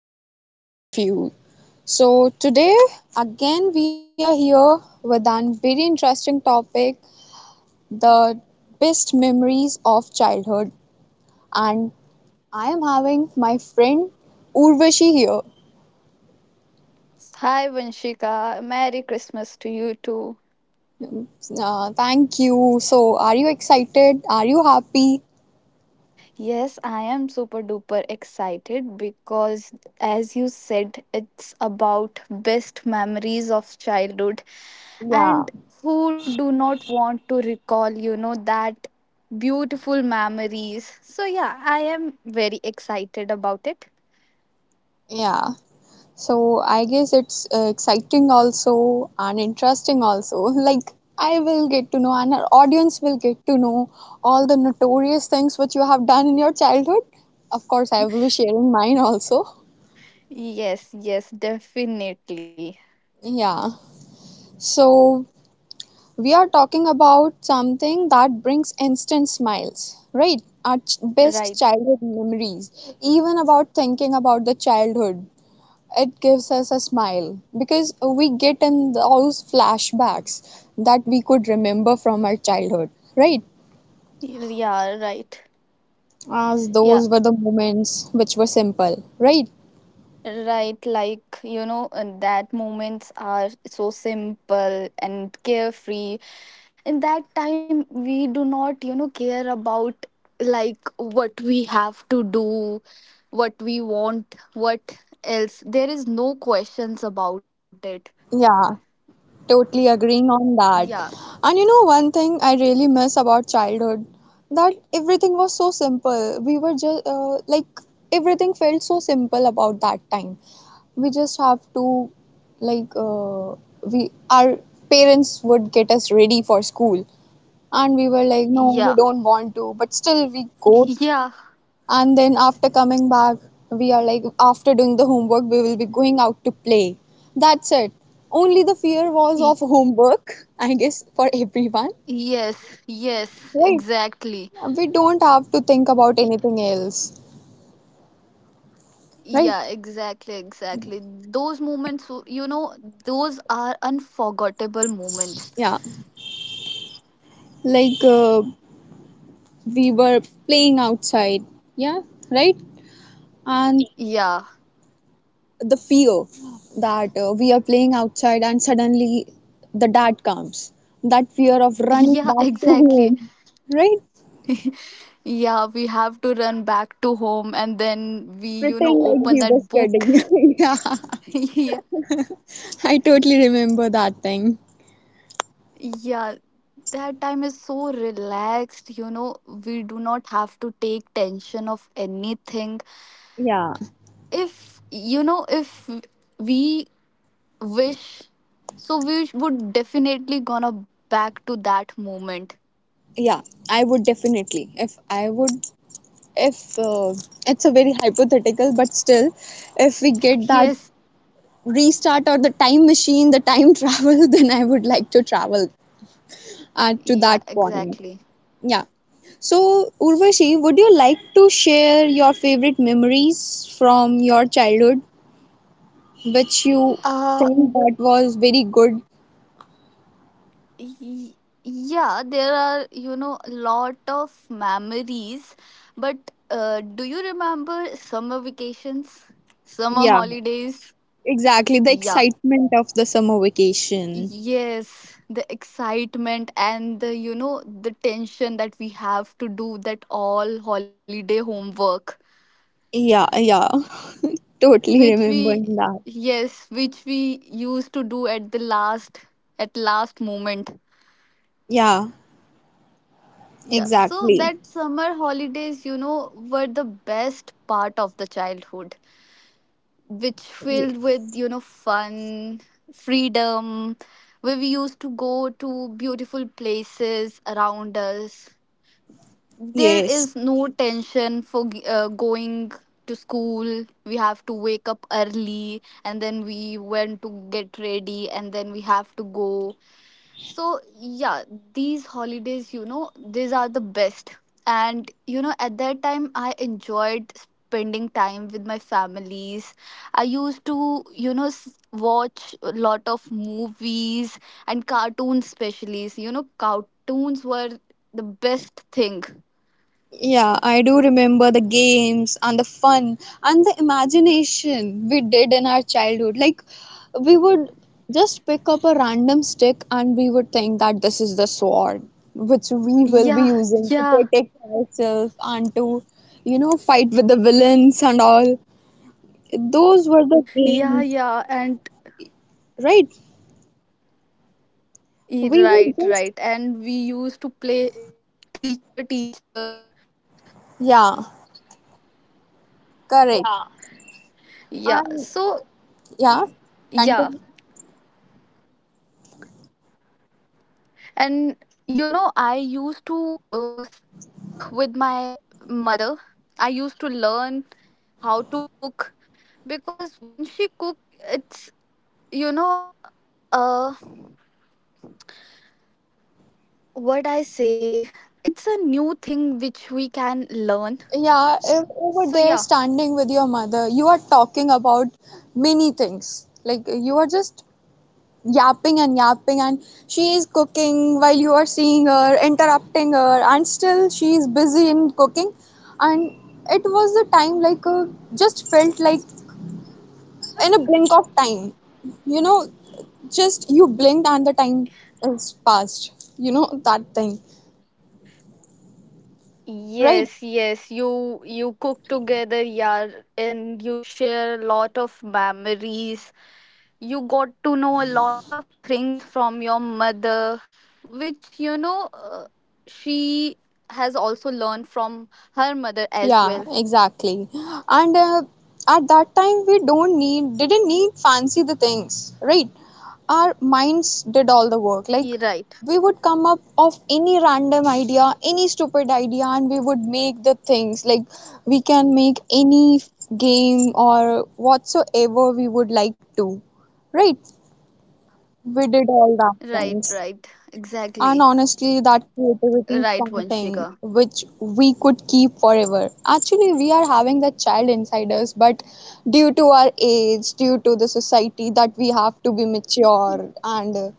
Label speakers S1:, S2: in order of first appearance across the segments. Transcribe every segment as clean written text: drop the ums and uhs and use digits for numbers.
S1: Christmas to all of you. So, today again we are here with a very interesting topic, the best memories of childhood. And I am having my friend Urvashi here.
S2: Hi Vanshika, Merry Christmas to you too.
S1: Thank you. So, are you excited? Are you happy?
S2: Yes, I am super duper excited because, as you said, it's about best memories of childhood.
S1: Yeah.
S2: And who do not want to recall, that beautiful memories? So, yeah, I am very excited about it.
S1: Yeah. So I guess it's exciting also and interesting also. Like I will get to know and our audience will get to know all the notorious things which you have done in your childhood. Of course, I will be sharing mine also.
S2: Yes, yes, definitely.
S1: Yeah. So we are talking about something that brings instant smiles, right? Our best
S2: Right.
S1: childhood memories, even about thinking about the childhood, it gives us a smile because we get in those flashbacks that we could remember from our childhood, right?
S2: Yeah, right.
S1: As
S2: Yeah.
S1: those were the moments which were simple, right?
S2: Right, like and that moments are so simple and carefree. In that time, we do not, care about like what we have to do, what we want, what else. There is no questions about it.
S1: Yeah, totally agreeing
S2: Yeah,
S1: on that. And you know, one thing I really miss about childhood, that everything was so simple. We were just like everything felt so simple about that time. We just have to like we our parents would get us ready for school. And we were like,
S2: yeah,
S1: no, we don't want to. But still, we go.
S2: yeah.
S1: And then after coming back, we are like, after doing the homework, we will be going out to play. That's it. Only the fear
S2: Y-
S1: was of homework, I guess, for everyone.
S2: yes, yes,
S1: Right.
S2: exactly.
S1: We don't have to think about anything else.
S2: Yeah, exactly,
S1: Right.
S2: exactly. Those moments, those are unforgettable moments.
S1: Yeah. Like, we were playing outside. Yeah. Right. And
S2: Yeah,
S1: the fear that we are playing outside and suddenly the dad comes. That fear of running
S2: yeah,
S1: back to
S2: exactly.
S1: home, right?
S2: Yeah, we have to run back to home and then we
S1: Pretend like
S2: open
S1: he was
S2: that book.
S1: studying. Yeah,
S2: Yeah,
S1: I totally remember that thing.
S2: yeah, that time is so relaxed, we do not have to take tension of anything.
S1: Yeah,
S2: If, if we wish so we would definitely gonna back to that moment.
S1: yeah, I would definitely. If I would, if it's a very hypothetical, but still, if we get that
S2: Yes,
S1: restart or the time machine, the time travel, then I would like to travel to
S2: yeah,
S1: that point.
S2: exactly.
S1: Yeah. So, Urvashi, would you like to share your favorite memories from your childhood, which you
S2: uh
S1: think that was very good?
S2: y- yeah, there are a lot of memories, but do you remember summer vacations, summer
S1: Yeah,
S2: holidays?
S1: exactly. The
S2: Yeah,
S1: excitement of the summer vacation.
S2: yes, the excitement and the the tension that we have to do that all holiday homework,
S1: Yeah, yeah. Totally
S2: which
S1: remembering
S2: we,
S1: that.
S2: yes, which we used to do at the last, at last moment.
S1: Yeah,
S2: Yeah, so
S1: exactly.
S2: that summer holidays, were the best part of the childhood, which filled with fun, freedom, where we used to go to beautiful places around us. There
S1: Yes.
S2: is no tension for going to school. We have to wake up early and then we went to get ready and then we have to go. So yeah, these holidays, these are the best. And at that time I enjoyed spending time with my families. I used to, watch a lot of movies and cartoons. Especially, cartoons were the best thing.
S1: Yeah, I do remember the games and the fun and the imagination we did in our childhood. Like, we would just pick up a random stick and we would think that this is the sword which we will be
S2: Yeah,
S1: using to
S2: yeah,
S1: protect ourselves and to, you know, fight with the villains and all.
S2: yeah,
S1: Those
S2: yeah.
S1: were the games,
S2: And
S1: right? We would
S2: right,
S1: just,
S2: right. And we used to play teacher, teacher.
S1: yeah, correct.
S2: Yeah.
S1: And
S2: So,
S1: yeah,
S2: yeah.
S1: continue.
S2: And I used to cook with my mother. I used to learn how to cook because when she cook, it's you know, uh, what I say, it's a new thing which we can learn.
S1: Yeah, if over there
S2: So yeah.
S1: standing with your mother, you are talking about many things. Like you are just yapping and yapping, and she is cooking while you are seeing her, interrupting her, and still she is busy in cooking. And it was the time like just felt like in a blink of time, you know, just you blinked and the time is past, you know, that thing, right?
S2: Yes, yes. You cook together, yeah, and you share a lot of memories. You got to know a lot of things from your mother, which she has also learned from her mother as well.
S1: Yeah, exactly. And at that time, we don't need didn't need fancy the things, right? Our minds did all the
S2: Yeah,
S1: work.
S2: right,
S1: Like we would come up of any random idea, any stupid idea, and we would make the things. Like we can make any game or whatsoever we would like to, right? We did
S2: right,
S1: all that
S2: right.
S1: things.
S2: Exactly.
S1: And honestly, that
S2: Right,
S1: creativity is
S2: Vanshika.
S1: something which we could keep forever. Actually, we are having that child inside us, but due to our age, due to the society, that we have to be
S2: Y-
S1: mature and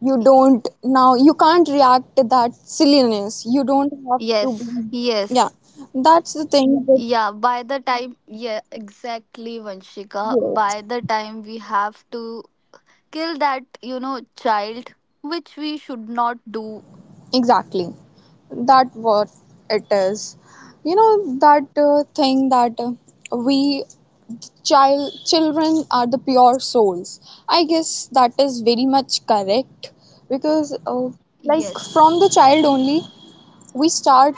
S1: you don't now, you can't react to that silliness. You don't have to
S2: Yes,
S1: be, yeah,
S2: yes.
S1: that's the thing that,
S2: Yeah, by the time, yeah, exactly, Vanshika.
S1: yes,
S2: By the time we have to kill that, child, which we should not do.
S1: exactly, that what it is. You know, that thing that we child children are the pure souls, I guess. That is very much correct because like from
S2: Yes.
S1: the child only we start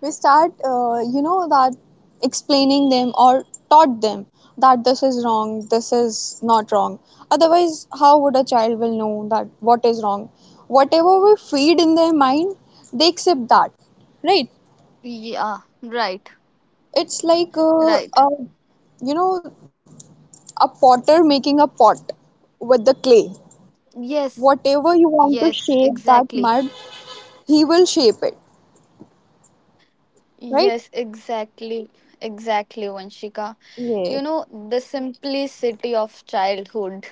S1: we start you know, that explaining them or taught them that this is wrong, this is not wrong. Otherwise how would a child will know that what is wrong, whatever we feed in their mind, they accept that, right?
S2: Yeah, right,
S1: It's like uh,
S2: right.
S1: you know, a potter making a pot with the clay.
S2: Yes,
S1: Whatever you want to
S2: yes,
S1: shape that
S2: exactly.
S1: mud, he will shape it, right?
S2: Yes, exactly, exactly, Vanshika.
S1: Yes.
S2: You know the simplicity of childhood.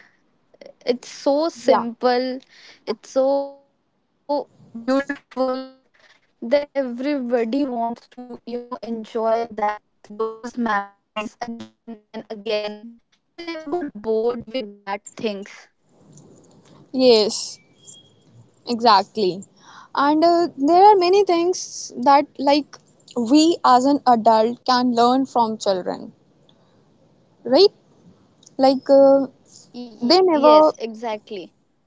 S2: It's so
S1: Yeah.
S2: simple, it's so beautiful, that everybody wants to enjoy that, those memories again and again. They never got bored with that things.
S1: Yes, exactly. And there are many things that, like, we as an adult can learn from children, right? Like,
S2: Yes,
S1: they
S2: exactly,
S1: never,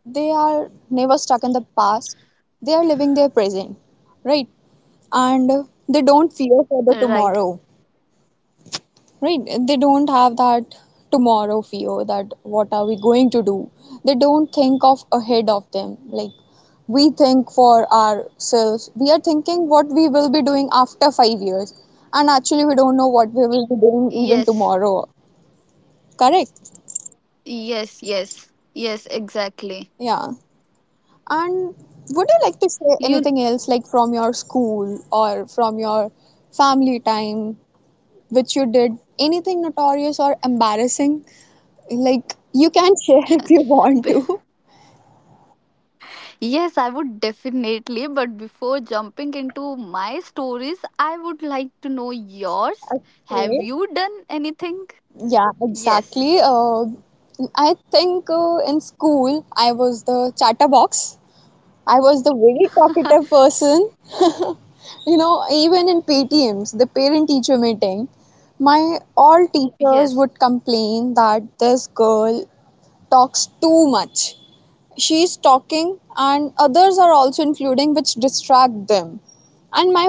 S1: they are never stuck in the past. They are living their present, right? And they don't fear
S2: right.
S1: for the tomorrow, right? They don't have that tomorrow fear, that what are we going to do. They don't think of ahead of them. Like we think for ourselves, we are thinking what we will be doing after 5 years, and actually we don't know what we will be doing
S2: Yes,
S1: even tomorrow. Correct.
S2: yes, yes, yes, exactly.
S1: Yeah. And would you like to say
S2: you
S1: anything else, like from your school or from your family time, which you did anything notorious or embarrassing, like you can share if you
S2: b-
S1: want to?
S2: yes, I would definitely, but before jumping into my stories I would like to know yours.
S1: Okay.
S2: Have you done anything?
S1: Yeah,
S2: Yes,
S1: exactly. I think in school I was the chatterbox. I was the very talkative person. You know, even in PTMs, the parent teacher meeting, my all teachers would
S2: yes.
S1: complain that this girl talks too much, she is talking and others are also including, which distract them. And my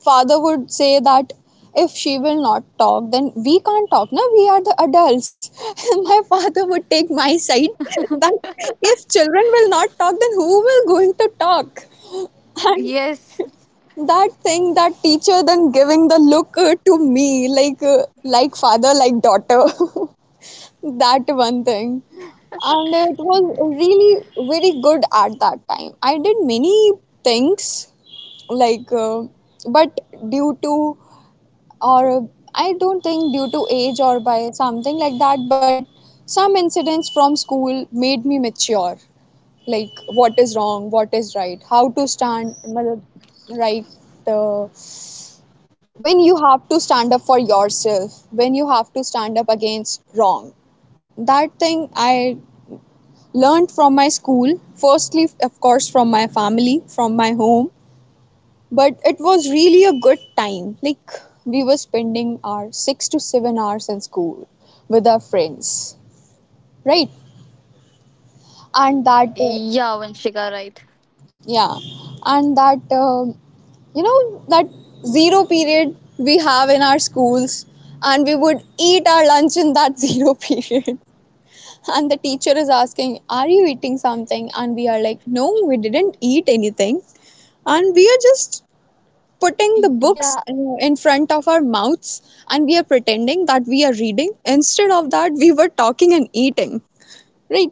S1: father would say that if she will not talk then we can't talk, now we are the adults. My father would take my side that if children will not talk then who will going to talk. And
S2: Yes.
S1: that thing, that teacher then giving the look to me like father like daughter. That one thing. And it was really very good at that time. I did many things, like, but due to, or I don't think due to age or by something like that, but some incidents from school made me mature. Like, what is wrong, what is right, how to stand, matlab, right. Uh, when you have to stand up for yourself, when you have to stand up against wrong, that thing I learned from my school. Firstly, of course, from my family, from my home. But it was really a good time. Like, we were spending our 6 to 7 hours in school with our friends, right? And that,
S2: Yeah, Vanshika, right.
S1: yeah, and that, you know, that zero period we have in our schools, and we would eat our lunch in that zero period. And the teacher is asking, "Are you eating something?" And we are like, "No, we didn't eat anything," and we are just
S2: Yeah.
S1: putting the books in front of our mouths and we are pretending that we are reading, instead of that we were talking and eating. Right.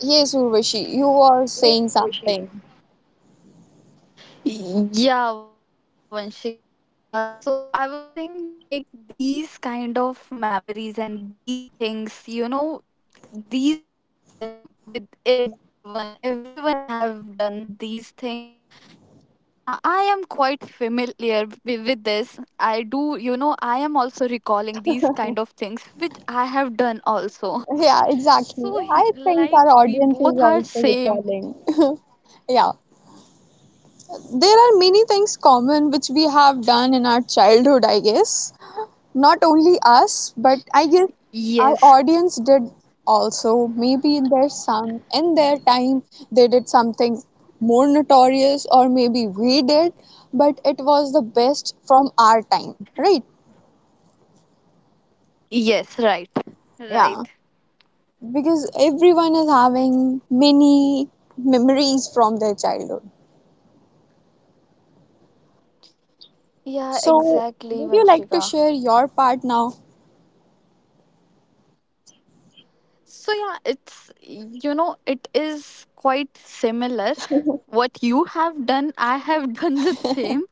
S1: Yes, Urvashi, you were saying something.
S2: Yes. Yeah, Vanshika. So I was saying, like, these kind of memories and these things, you know, these have done with everyone. Everyone have done these things. So yeah, I am quite familiar with this. I do, you know, am also recalling these kind of things which I have done also.
S1: Yeah, exactly.
S2: So
S1: I
S2: he,
S1: think
S2: like,
S1: our
S2: we
S1: audience is
S2: both are
S1: also
S2: same.
S1: recalling. Yeah, there are many things common which we have done in our childhood, I guess. Not only us, but I guess our
S2: Yes.
S1: audience did also. Maybe in their some in their time they did something more notorious or maybe we did, but it was the best from our time, right?
S2: Yes, right. Right.
S1: Yeah, because everyone is having many memories from their childhood.
S2: Yeah,
S1: So,
S2: exactly,
S1: would you
S2: Vanshika.
S1: like to share your part now?
S2: So yeah, it's you know, it is quite similar. What you have done, I have done the same.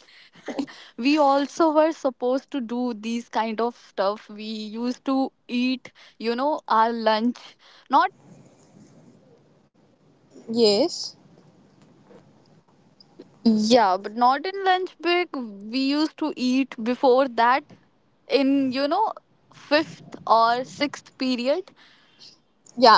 S2: We also were supposed to do these kind of stuff. We used to eat, you know, our lunch. Not,
S1: Yes.
S2: yeah, but not in lunch break. We used to eat before that in, you know, fifth or sixth period.
S1: Yeah,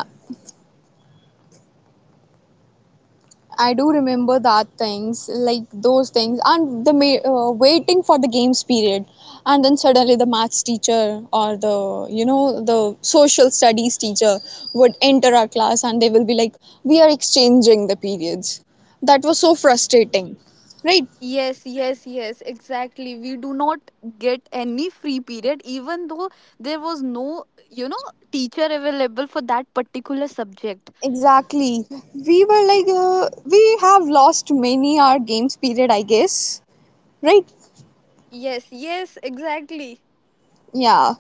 S1: I do remember that things, like those things and the waiting for the games period, and then suddenly the maths teacher or the you know the social studies teacher would enter our class and they will be like, we are exchanging the periods. That was so frustrating, right?
S2: Yes, yes, yes, exactly. We do not get any free period, even though there was no, you know, teacher available for that particular subject.
S1: Exactly. We were like we have lost many our games period, I guess, right?
S2: Yes, yes, exactly.
S1: Yeah.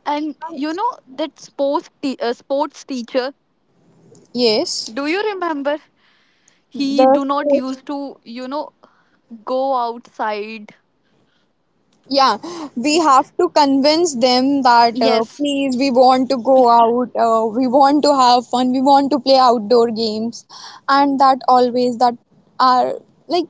S2: And you know that sports teacher.
S1: Yes,
S2: Do you remember? He do not
S1: the.
S2: used to, you know, go outside.
S1: Yeah, we have to convince them that
S2: Yes.
S1: please, we want to go out, we want to have fun, we want to play outdoor games, and that always that are like,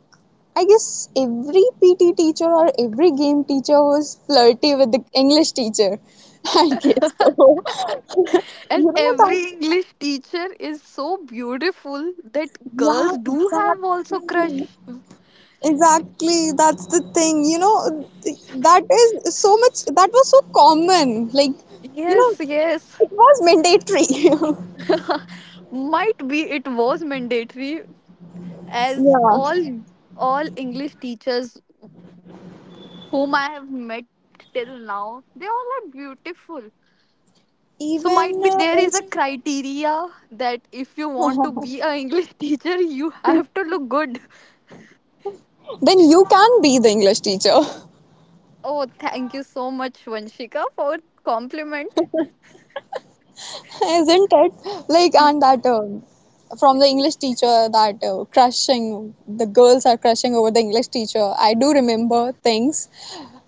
S1: I guess every PT teacher or every game teacher was flirty with the English teacher. I guess so.
S2: And
S1: You know
S2: every
S1: that?
S2: English teacher is so beautiful that
S1: Yeah,
S2: girls do have also
S1: exactly.
S2: crush.
S1: Exactly, that's the thing. You know, that is so much, that was so common. Like, you
S2: Yes,
S1: know,
S2: yes.
S1: it was mandatory.
S2: Might be it was mandatory, as all
S1: Yeah.
S2: all English teachers whom I have met till now, they all are beautiful. So might be
S1: Even
S2: there is a criteria that if you want to
S1: in,
S2: be an English teacher, you have to look good.
S1: then you can be the English teacher,
S2: Oh, thank you so much, Vanshika, for compliment.
S1: isn't it? Like, and that from the English teacher, that crushing, the girls are crushing over the English teacher. I do remember things.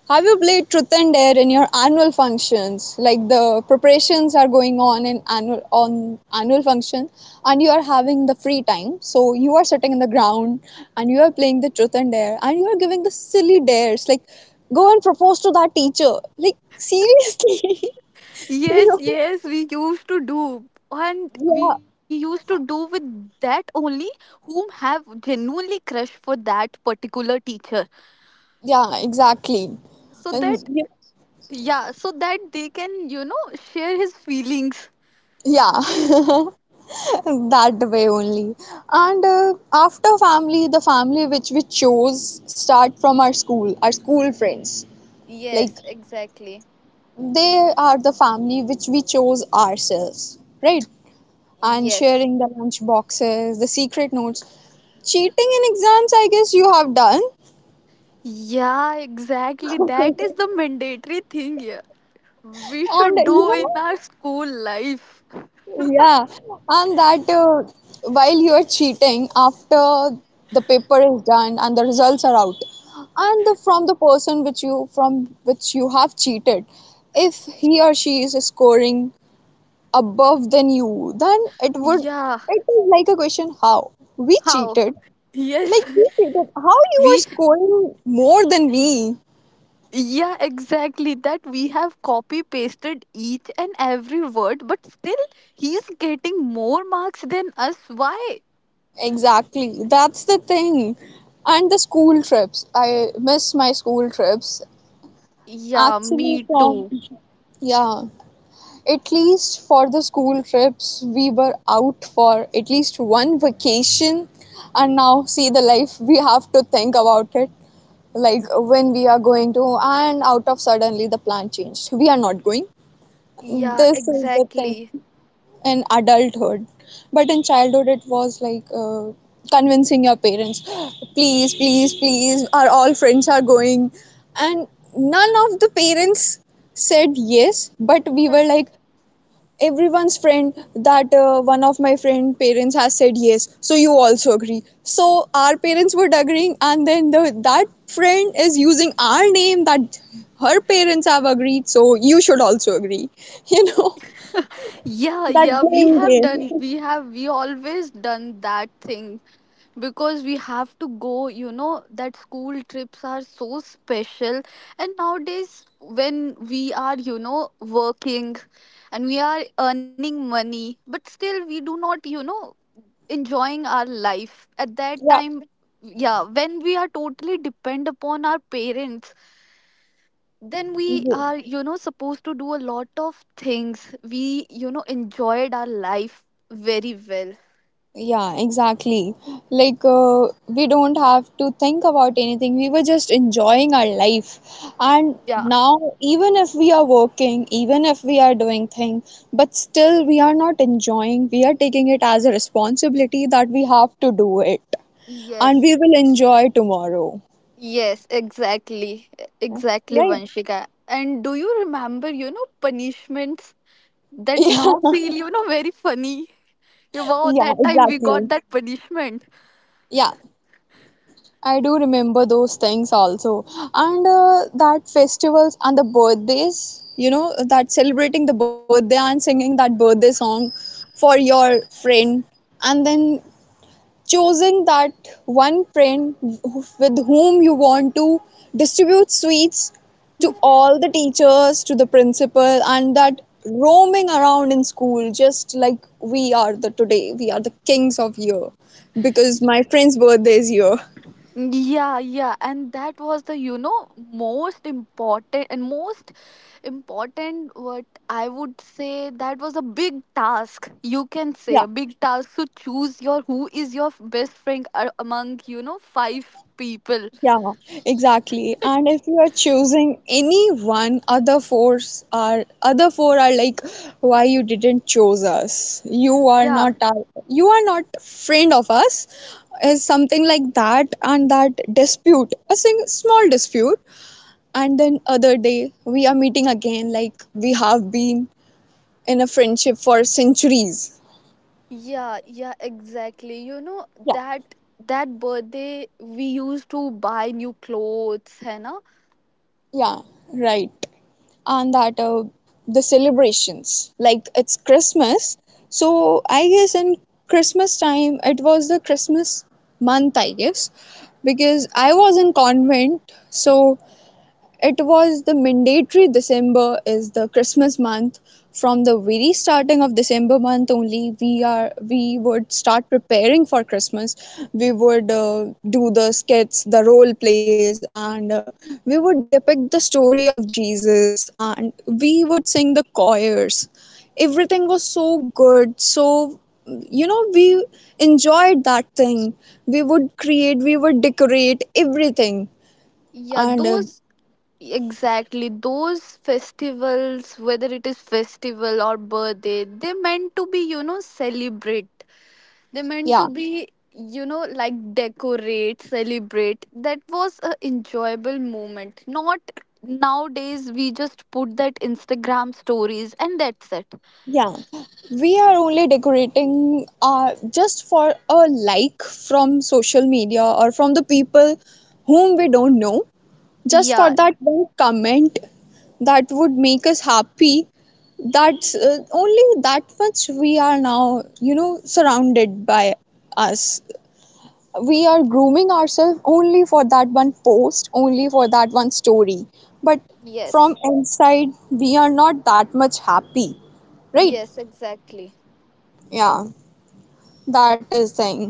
S1: Have you played Truth and Dare in your annual functions? Like the preparations are going on in annual function, and you are having the free time. So you are sitting in the ground and you are playing the Truth and Dare, and you are giving the silly dares like, go and propose to that teacher. Like seriously,
S2: Yes,
S1: you
S2: yes, we used to do. And we
S1: know?
S2: used to do with that only whom have genuinely crush for that particular teacher.
S1: Yeah, yeah, exactly.
S2: So that,
S1: And yeah,
S2: yeah, so that they can, you know, share his feelings.
S1: yeah. That way only. And uh, after family the family which we chose start from our school, our school friends, like
S2: Yes, exactly.
S1: they are the family which we chose ourselves, right? And
S2: Yes.
S1: sharing the lunch boxes, the secret notes, cheating in exams, I guess you have done.
S2: Yeah, exactly. That is the mandatory thing here. We
S1: And
S2: should
S1: you
S2: do in
S1: know
S2: our school life.
S1: Yeah, and that while you are cheating, after the paper is done and the results are out, and from the person which you from which you have cheated, if he or she is scoring above than you, then
S2: Yeah.
S1: it is like a question, how we
S2: How?
S1: cheated,
S2: Yes.
S1: like we cheated, how you are
S2: We.
S1: scoring more than me?
S2: Yeah, exactly. That we have copy pasted each and every word, but still he is getting more marks than us. Why?
S1: Exactly, that's the thing. And the school trips, I miss my school trips.
S2: Yeah,
S1: Actually,
S2: me
S1: from
S2: too.
S1: Yeah, at least for the school trips, we were out for at least one vacation, and now see the life, we have to think about it. Like when we are going to, and out of suddenly the plan changed, we are not going.
S2: Yeah,
S1: This is the thing
S2: exactly.
S1: in adulthood, but in childhood it was like, convincing your parents, please please please, our all friends are going, and none of the parents said yes, but we were
S2: Yes.
S1: like everyone's friend that, one of my friend parents has said yes, so you also agree. So our parents were agreeing, and then that friend is using our name, that her parents have agreed, so you should also agree. You know,
S2: Yeah,
S1: that
S2: yeah, we
S1: blame
S2: have
S1: game.
S2: done, we have, we always done that thing because we have to go, you know, that school trips are so special. And nowadays, when we are, you know, working and we are earning money, but still we do not, you know, enjoying our life at that
S1: Yeah.
S2: time. Yeah, when we are totally depend upon our parents, then we
S1: Ye-
S2: are, you know, supposed to do a lot of things. We, you know, enjoyed our life very well.
S1: Yeah, exactly. Like, we don't have to think about anything, we were just enjoying our life. And
S2: Yeah,
S1: now, even if we are working, even if we are doing things, but still we are not enjoying, we are taking it as a responsibility that we have to do it. And we
S2: yes,
S1: will enjoy tomorrow,
S2: yes, exactly. Exactly,
S1: right?
S2: Vanshika. And do you remember, you know, punishments that now
S1: Yeah,
S2: feel, you know, very funny? Wow,
S1: yeah,
S2: that time we
S1: exactly.
S2: got that punishment.
S1: Yeah, I do remember those things also. And that festivals and the birthdays, you know, that celebrating the birthday and singing that birthday song for your friend, and then choosing that one friend with whom you want to distribute sweets to all the teachers, to the principal, and that roaming around in school just like we are the today, we are the kings of year, because my friend's birthday is here.
S2: Yeah, yeah, and that was the, you know, most important and most important, what I would say, that was a big task. You can say
S1: Yeah,
S2: a big task to choose your who is your best friend among, you know, five people.
S1: yeah, exactly. And if you are choosing any one, other four are like, why you didn't choose us? You are
S2: Yeah,
S1: not you are not friend of us. Is something like that. And that dispute, small dispute, and then other day we are meeting again like we have been in a friendship for centuries.
S2: yeah, yeah, exactly. You know
S1: Yeah.
S2: that, that birthday we used to buy new clothes, है ना?
S1: Yeah, right. And that the celebrations, like it's Christmas. So I guess in Christmas time, it was the Christmas month, I guess, because I was in convent. So it was the mandatory, December is the Christmas month. From the very starting of December month only, we would start preparing for Christmas. We would do the skits, the role plays, and we would depict the story of Jesus, and we would sing the choirs. Everything was so good, so you know, we enjoyed that thing. We would create, we would decorate everything,
S2: Yeah,
S1: and
S2: those. Exactly. Those festivals, whether it is festival or birthday, they meant to be, you know, celebrate. They meant to
S1: yeah.
S2: be, you know, like decorate, celebrate. That was a enjoyable moment. Not nowadays we just put that Instagram stories and that's it.
S1: Yeah, we are only decorating just for a like from social media or from the people whom we don't know. Just for
S2: Yeah.
S1: that one comment that would make us happy. That's only that much we are now, you know, surrounded by us. We are grooming ourselves only for that one post, only for that one story. But from
S2: Yes.
S1: inside, we are not that much happy, right?
S2: Yes, exactly.
S1: Yeah, that is thing.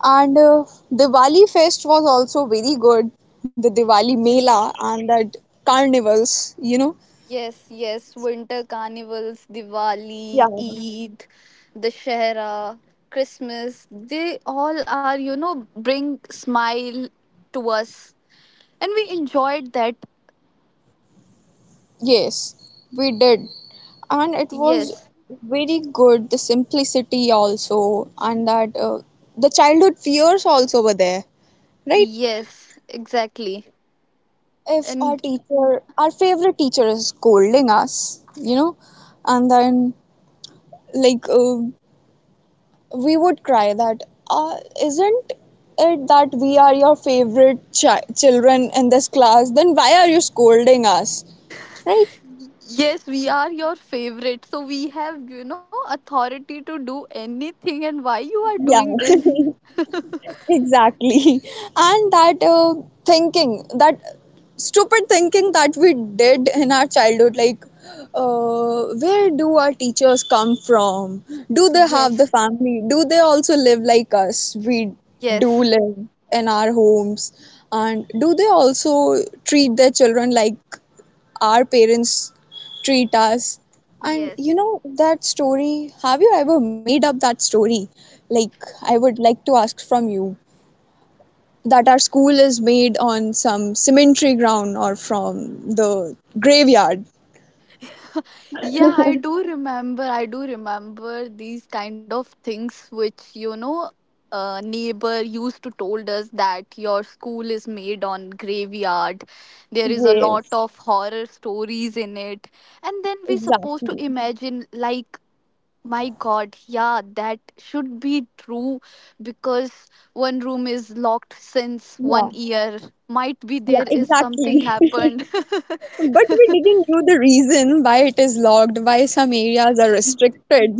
S1: And Diwali fest was also very good. The Diwali
S2: Yeah.
S1: Mela and that carnivals, you know.
S2: Yes, yes, winter carnivals,
S1: Yeah.
S2: Diwali, Eid, Dashera, Christmas, they all are, you know, bring smile to us. And we enjoyed that.
S1: Yes, we did. And it was
S2: Yes,
S1: very good. The simplicity also, and that the childhood fears also were there, right?
S2: yes, exactly.
S1: If our
S2: And
S1: teacher, our favorite teacher is scolding us, you know, and then like, we would cry that, uh, isn't it that we are your favorite children in this class, then why are you scolding us, right?
S2: yes, we are your favorite. So we have, you know, authority to do anything. And why you are
S1: Yeah.
S2: doing this?
S1: Exactly. And that thinking that, stupid thinking that we did in our childhood, like, where do our teachers come from, do they have the
S2: Yes,
S1: family, do they also live like us, we do
S2: yes,
S1: live in our homes, and do they also treat their children like our parents treat us? And
S2: yes.
S1: you know that story, have you ever made up that story, like I would like to ask from you, that our school is made on some cemetery ground or from the graveyard.
S2: Yeah, I do remember. I do remember these kind of things which, you know, a neighbor used to told us that your school is made on graveyard. There is a lot
S1: Yes,
S2: of horror stories in it. And then we supposed to
S1: exactly.
S2: imagine like, my god, yeah, that should be true because one room is locked since one
S1: Yeah,
S2: year. Might be
S1: yeah,
S2: there is something
S1: exactly.
S2: happened.
S1: But we didn't know the reason why it is locked, why some areas are restricted.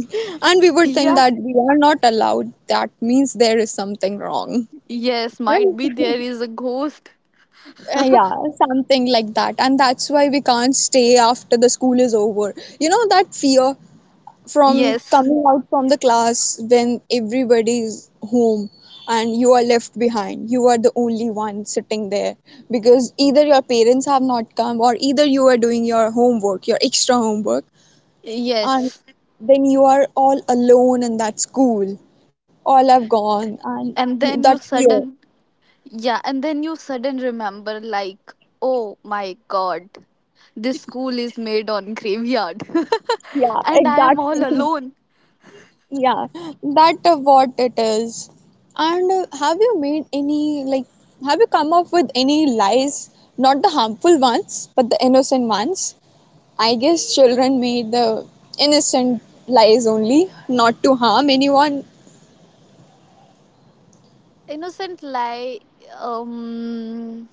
S1: And we would
S2: Yeah.
S1: think that we are not allowed, that means there is something wrong.
S2: Yes, might be
S1: Right?
S2: there is a ghost.
S1: Yeah, something like that. And that's why we can't stay after the school is over. You know, that fear from
S2: Yes,
S1: coming out from the class when everybody is home and you are left behind, you are the only one sitting there, because either your parents have not come, or either you are doing your homework, your extra homework, and
S2: yes.
S1: then you are all alone in that school, all have gone, and
S2: And
S1: you,
S2: then
S1: that
S2: you
S1: fear.
S2: sudden, yeah, and then you sudden remember, like, oh my god, this school is made on graveyard,
S1: Yeah,
S2: and I am all
S1: exactly.
S2: alone.
S1: Yeah, that what it is. And have you made any, like have you come up with any lies? Not the harmful ones, but the innocent ones. I guess children made the innocent lies only, not to harm anyone.
S2: Innocent lie, um,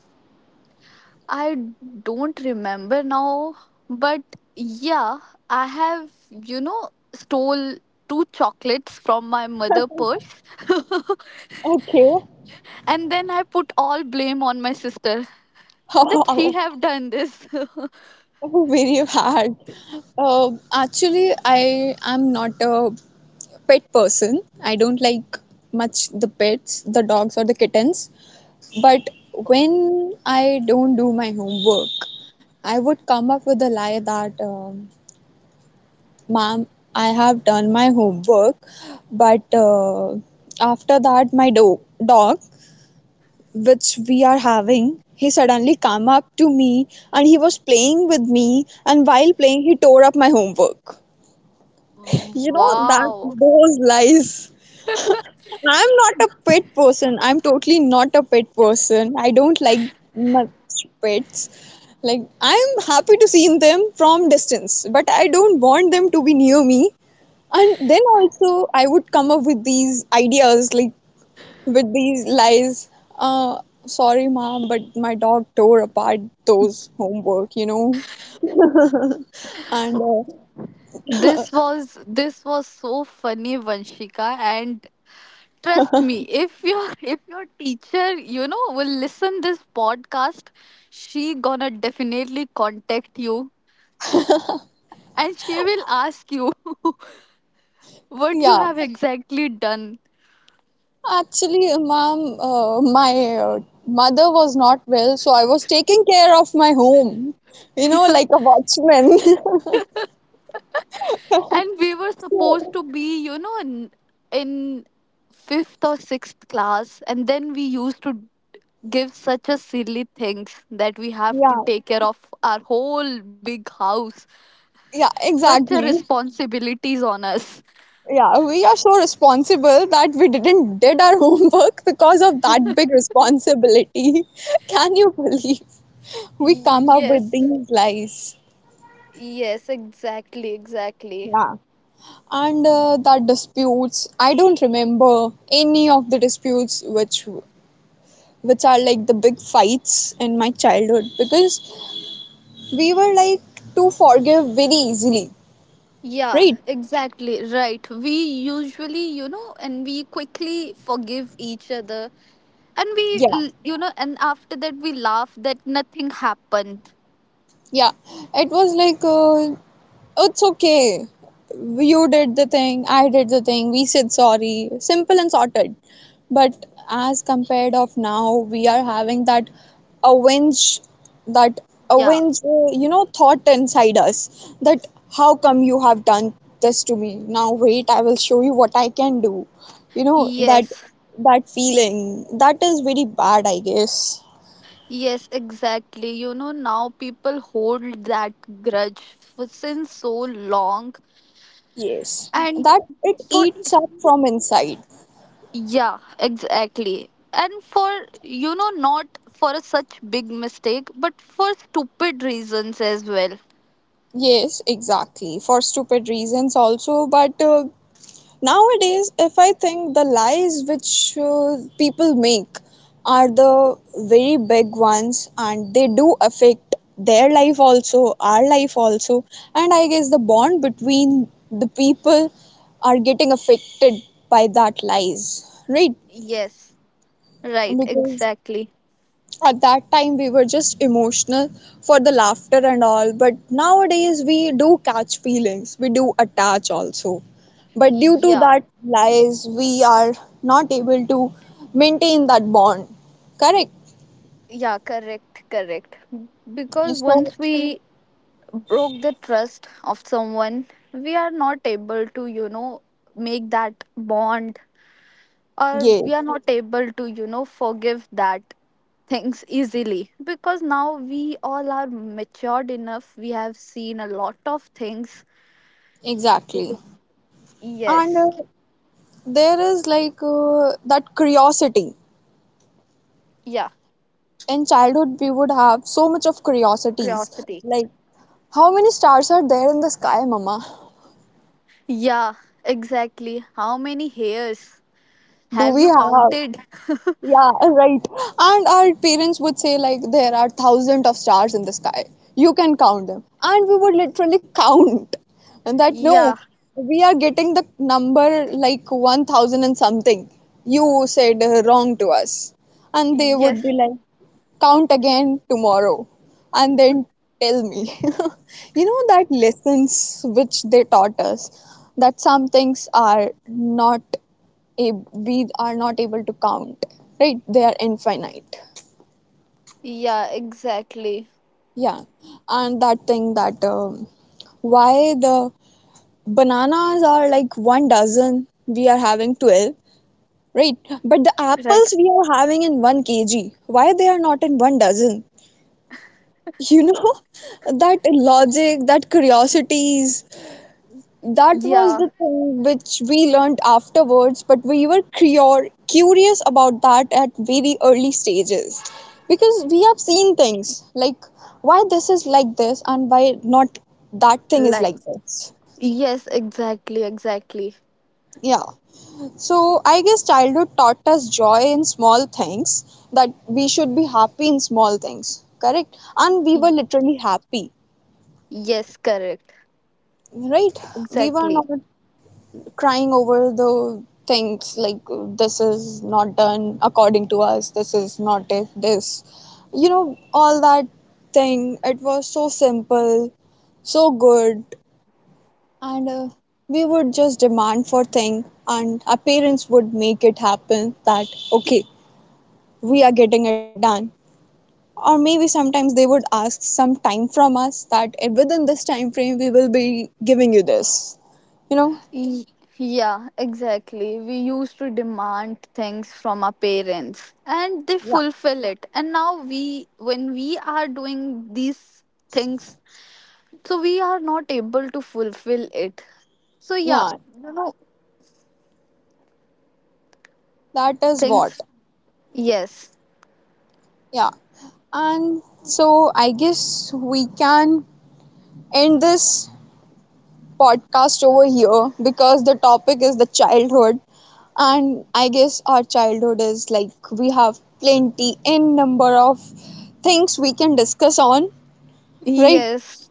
S2: I don't remember now, but yeah, I have, you know, stole two chocolates from my mother purse,
S1: Okay.
S2: and then I put all blame on my sister. That he have done this.
S1: Very bad. Actually, I am not a pet person. I don't like much the pets, the dogs or the kittens. But when I don't do my homework, I would come up with a lie that, ma'am, I have done my homework, but after that, my dog, which we are having, he suddenly came up to me and he was playing with me, and while playing, he tore up my homework. You know, that
S2: Wow,
S1: those lies. I'm not a pet person, I'm totally not a pet person. I don't like much pets. Like I'm happy to see them from distance, but I don't want them to be near me. And then also I would come up with these ideas, like with these lies. Uh Sorry mom, but my dog tore apart those homework, you know. And
S2: this was, this was so funny, Vanshika. And trust me, if your if your teacher, you know, will listen this podcast, she gonna definitely contact you and she will ask you what you
S1: Yeah.
S2: have exactly done.
S1: Actually, ma'am, my mother was not well, so I was taking care of my home, you know, like a watchman.
S2: And we were supposed
S1: So,
S2: to be, you know, in fifth or sixth class, and then we used to give such a silly things that we have to
S1: yeah,
S2: take care of our whole big house.
S1: yeah,
S2: Such a
S1: exactly.
S2: responsibilities on us.
S1: Yeah, we are so responsible that we didn't did our homework because of that big responsibility. Can you believe? We come up with
S2: Yes.
S1: these lies.
S2: Yes, exactly, exactly.
S1: Yeah. And that disputes, I don't remember any of the disputes which are like the big fights in my childhood, because we were like to forgive very easily,
S2: Yeah,
S1: right?
S2: exactly. Right. We usually, you know, and we quickly forgive each other, and we
S1: Yeah.
S2: you know, and after that we laugh that nothing happened.
S1: Yeah, it was like, it's okay. You did the thing, I did the thing, we said sorry. Simple and sorted. But as compared of now, we are having that avenge, that
S2: Yeah,
S1: you know, thought inside us, that how come you have done this to me? Now wait, I will show you what I can do. You know, that
S2: yes,
S1: that feeling, that is very bad, I guess.
S2: yes, exactly. You know, now people hold that grudge for since so long.
S1: Yes,
S2: And
S1: that it
S2: for,
S1: eats up from inside.
S2: yeah, exactly, and for, you know, not for a such big mistake, but for stupid reasons as well.
S1: Yes, exactly. For stupid reasons, also. But nowadays, if I think the lies which people make are the very big ones, and they do affect their life also, our life also. And I guess the bond between the people are getting affected by that lies, right?
S2: Yes, right,
S1: Because
S2: exactly.
S1: at that time we were just emotional for the laughter and all, but nowadays we do catch feelings, we do attach also, but due to
S2: Yeah,
S1: that lies we are not able to maintain that bond, correct?
S2: yeah, correct, correct. Because
S1: So
S2: once we broke the trust of someone, we are not able to, you know, make that bond, or
S1: yes,
S2: we are not able to, you know, forgive that things easily because now we all are matured enough, we have seen a lot of things.
S1: exactly. And
S2: Yes.
S1: there is like, that curiosity,
S2: Yeah,
S1: in childhood we would have so much of curiosities,
S2: curiosity.
S1: like how many stars are there in the sky, mama?
S2: Yeah, exactly, how many hairs
S1: Do
S2: have
S1: we
S2: you
S1: have,
S2: counted?
S1: yeah, right. And our parents would say like there are thousands of stars in the sky, you can count them. And we would literally count. And that no,
S2: Yeah,
S1: we are getting the number like 1000 and something, you said wrong to us. And they would be
S2: yes.
S1: like count again tomorrow and then tell me. You know, that lessons which they taught us, that some things are not, we are not able to count, right? They are infinite.
S2: Yeah, exactly,
S1: Yeah. And that thing that, why the bananas are like one dozen, we are having 12, right? But the
S2: right.
S1: apples we are having in 1 kg, why they are not in one dozen? You know. That logic, that curiosities, that was
S2: Yeah,
S1: the thing which we learned afterwards, but we were curious about that at very early stages, because we have seen things like why this is like this and why not that thing is
S2: like.
S1: like this.
S2: Yes, exactly, exactly.
S1: Yeah. So I guess childhood taught us joy in small things, that we should be happy in small things, correct? And we
S2: Y-
S1: were literally happy,
S2: Yes, correct.
S1: right? We were not
S2: Exactly.
S1: crying over the things like this is not done according to us, this is not if this, you know, all that thing. It was so simple, so good, and we would just demand for thing, and our parents would make it happen, that okay, we are getting it done. Or maybe sometimes they would ask some time from us, that within this time frame we will be giving you this. You know,
S2: Y- Yeah, exactly. We used to demand things from our parents and they
S1: yeah.
S2: fulfill it. And now we, when we are doing these things, so we are not able to fulfill it. So yeah,
S1: Yeah,
S2: you know,
S1: that is what.
S2: things, yes.
S1: Yeah. And so I guess we can end this podcast over here, because the topic is the childhood. And I guess our childhood is like we have plenty in number of things we can discuss on, right?
S2: Yes.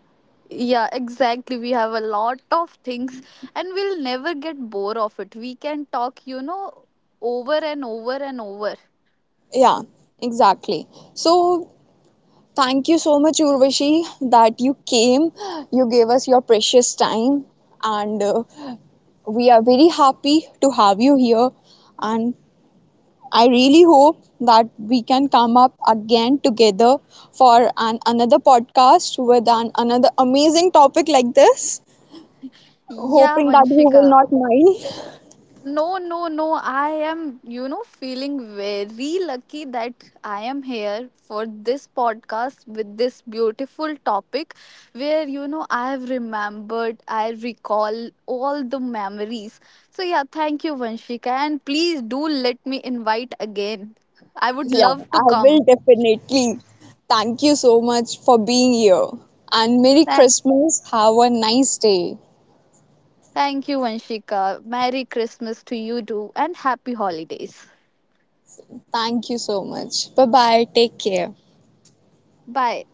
S2: Yeah, exactly. We have a lot of things and we'll never get bored of it. We can talk, you know, over and over and over.
S1: Yeah, exactly. So thank you so much, Urvashi, that you came. You gave us your precious time. And we are very happy to have you here. And I really hope that we can come up again together for an another podcast with an another amazing topic like this.
S2: Yeah,
S1: Hoping that you will
S2: Vanshika.
S1: not mind.
S2: No, no, no. I am, you know, feeling very lucky that I am here for this podcast with this beautiful topic where, you know, I have remembered, I recall all the memories. So, yeah, thank you, Vanshika. And please do let me invite again. I would
S1: Yeah,
S2: love
S1: I
S2: to
S1: will
S2: come.
S1: definitely. Thank you so much for being here. And Merry
S2: Thank,
S1: Christmas. Have a nice day.
S2: thank you, Vanshika. Merry Christmas to you too, and happy holidays.
S1: Thank you so much. Bye bye. Take care.
S2: Bye.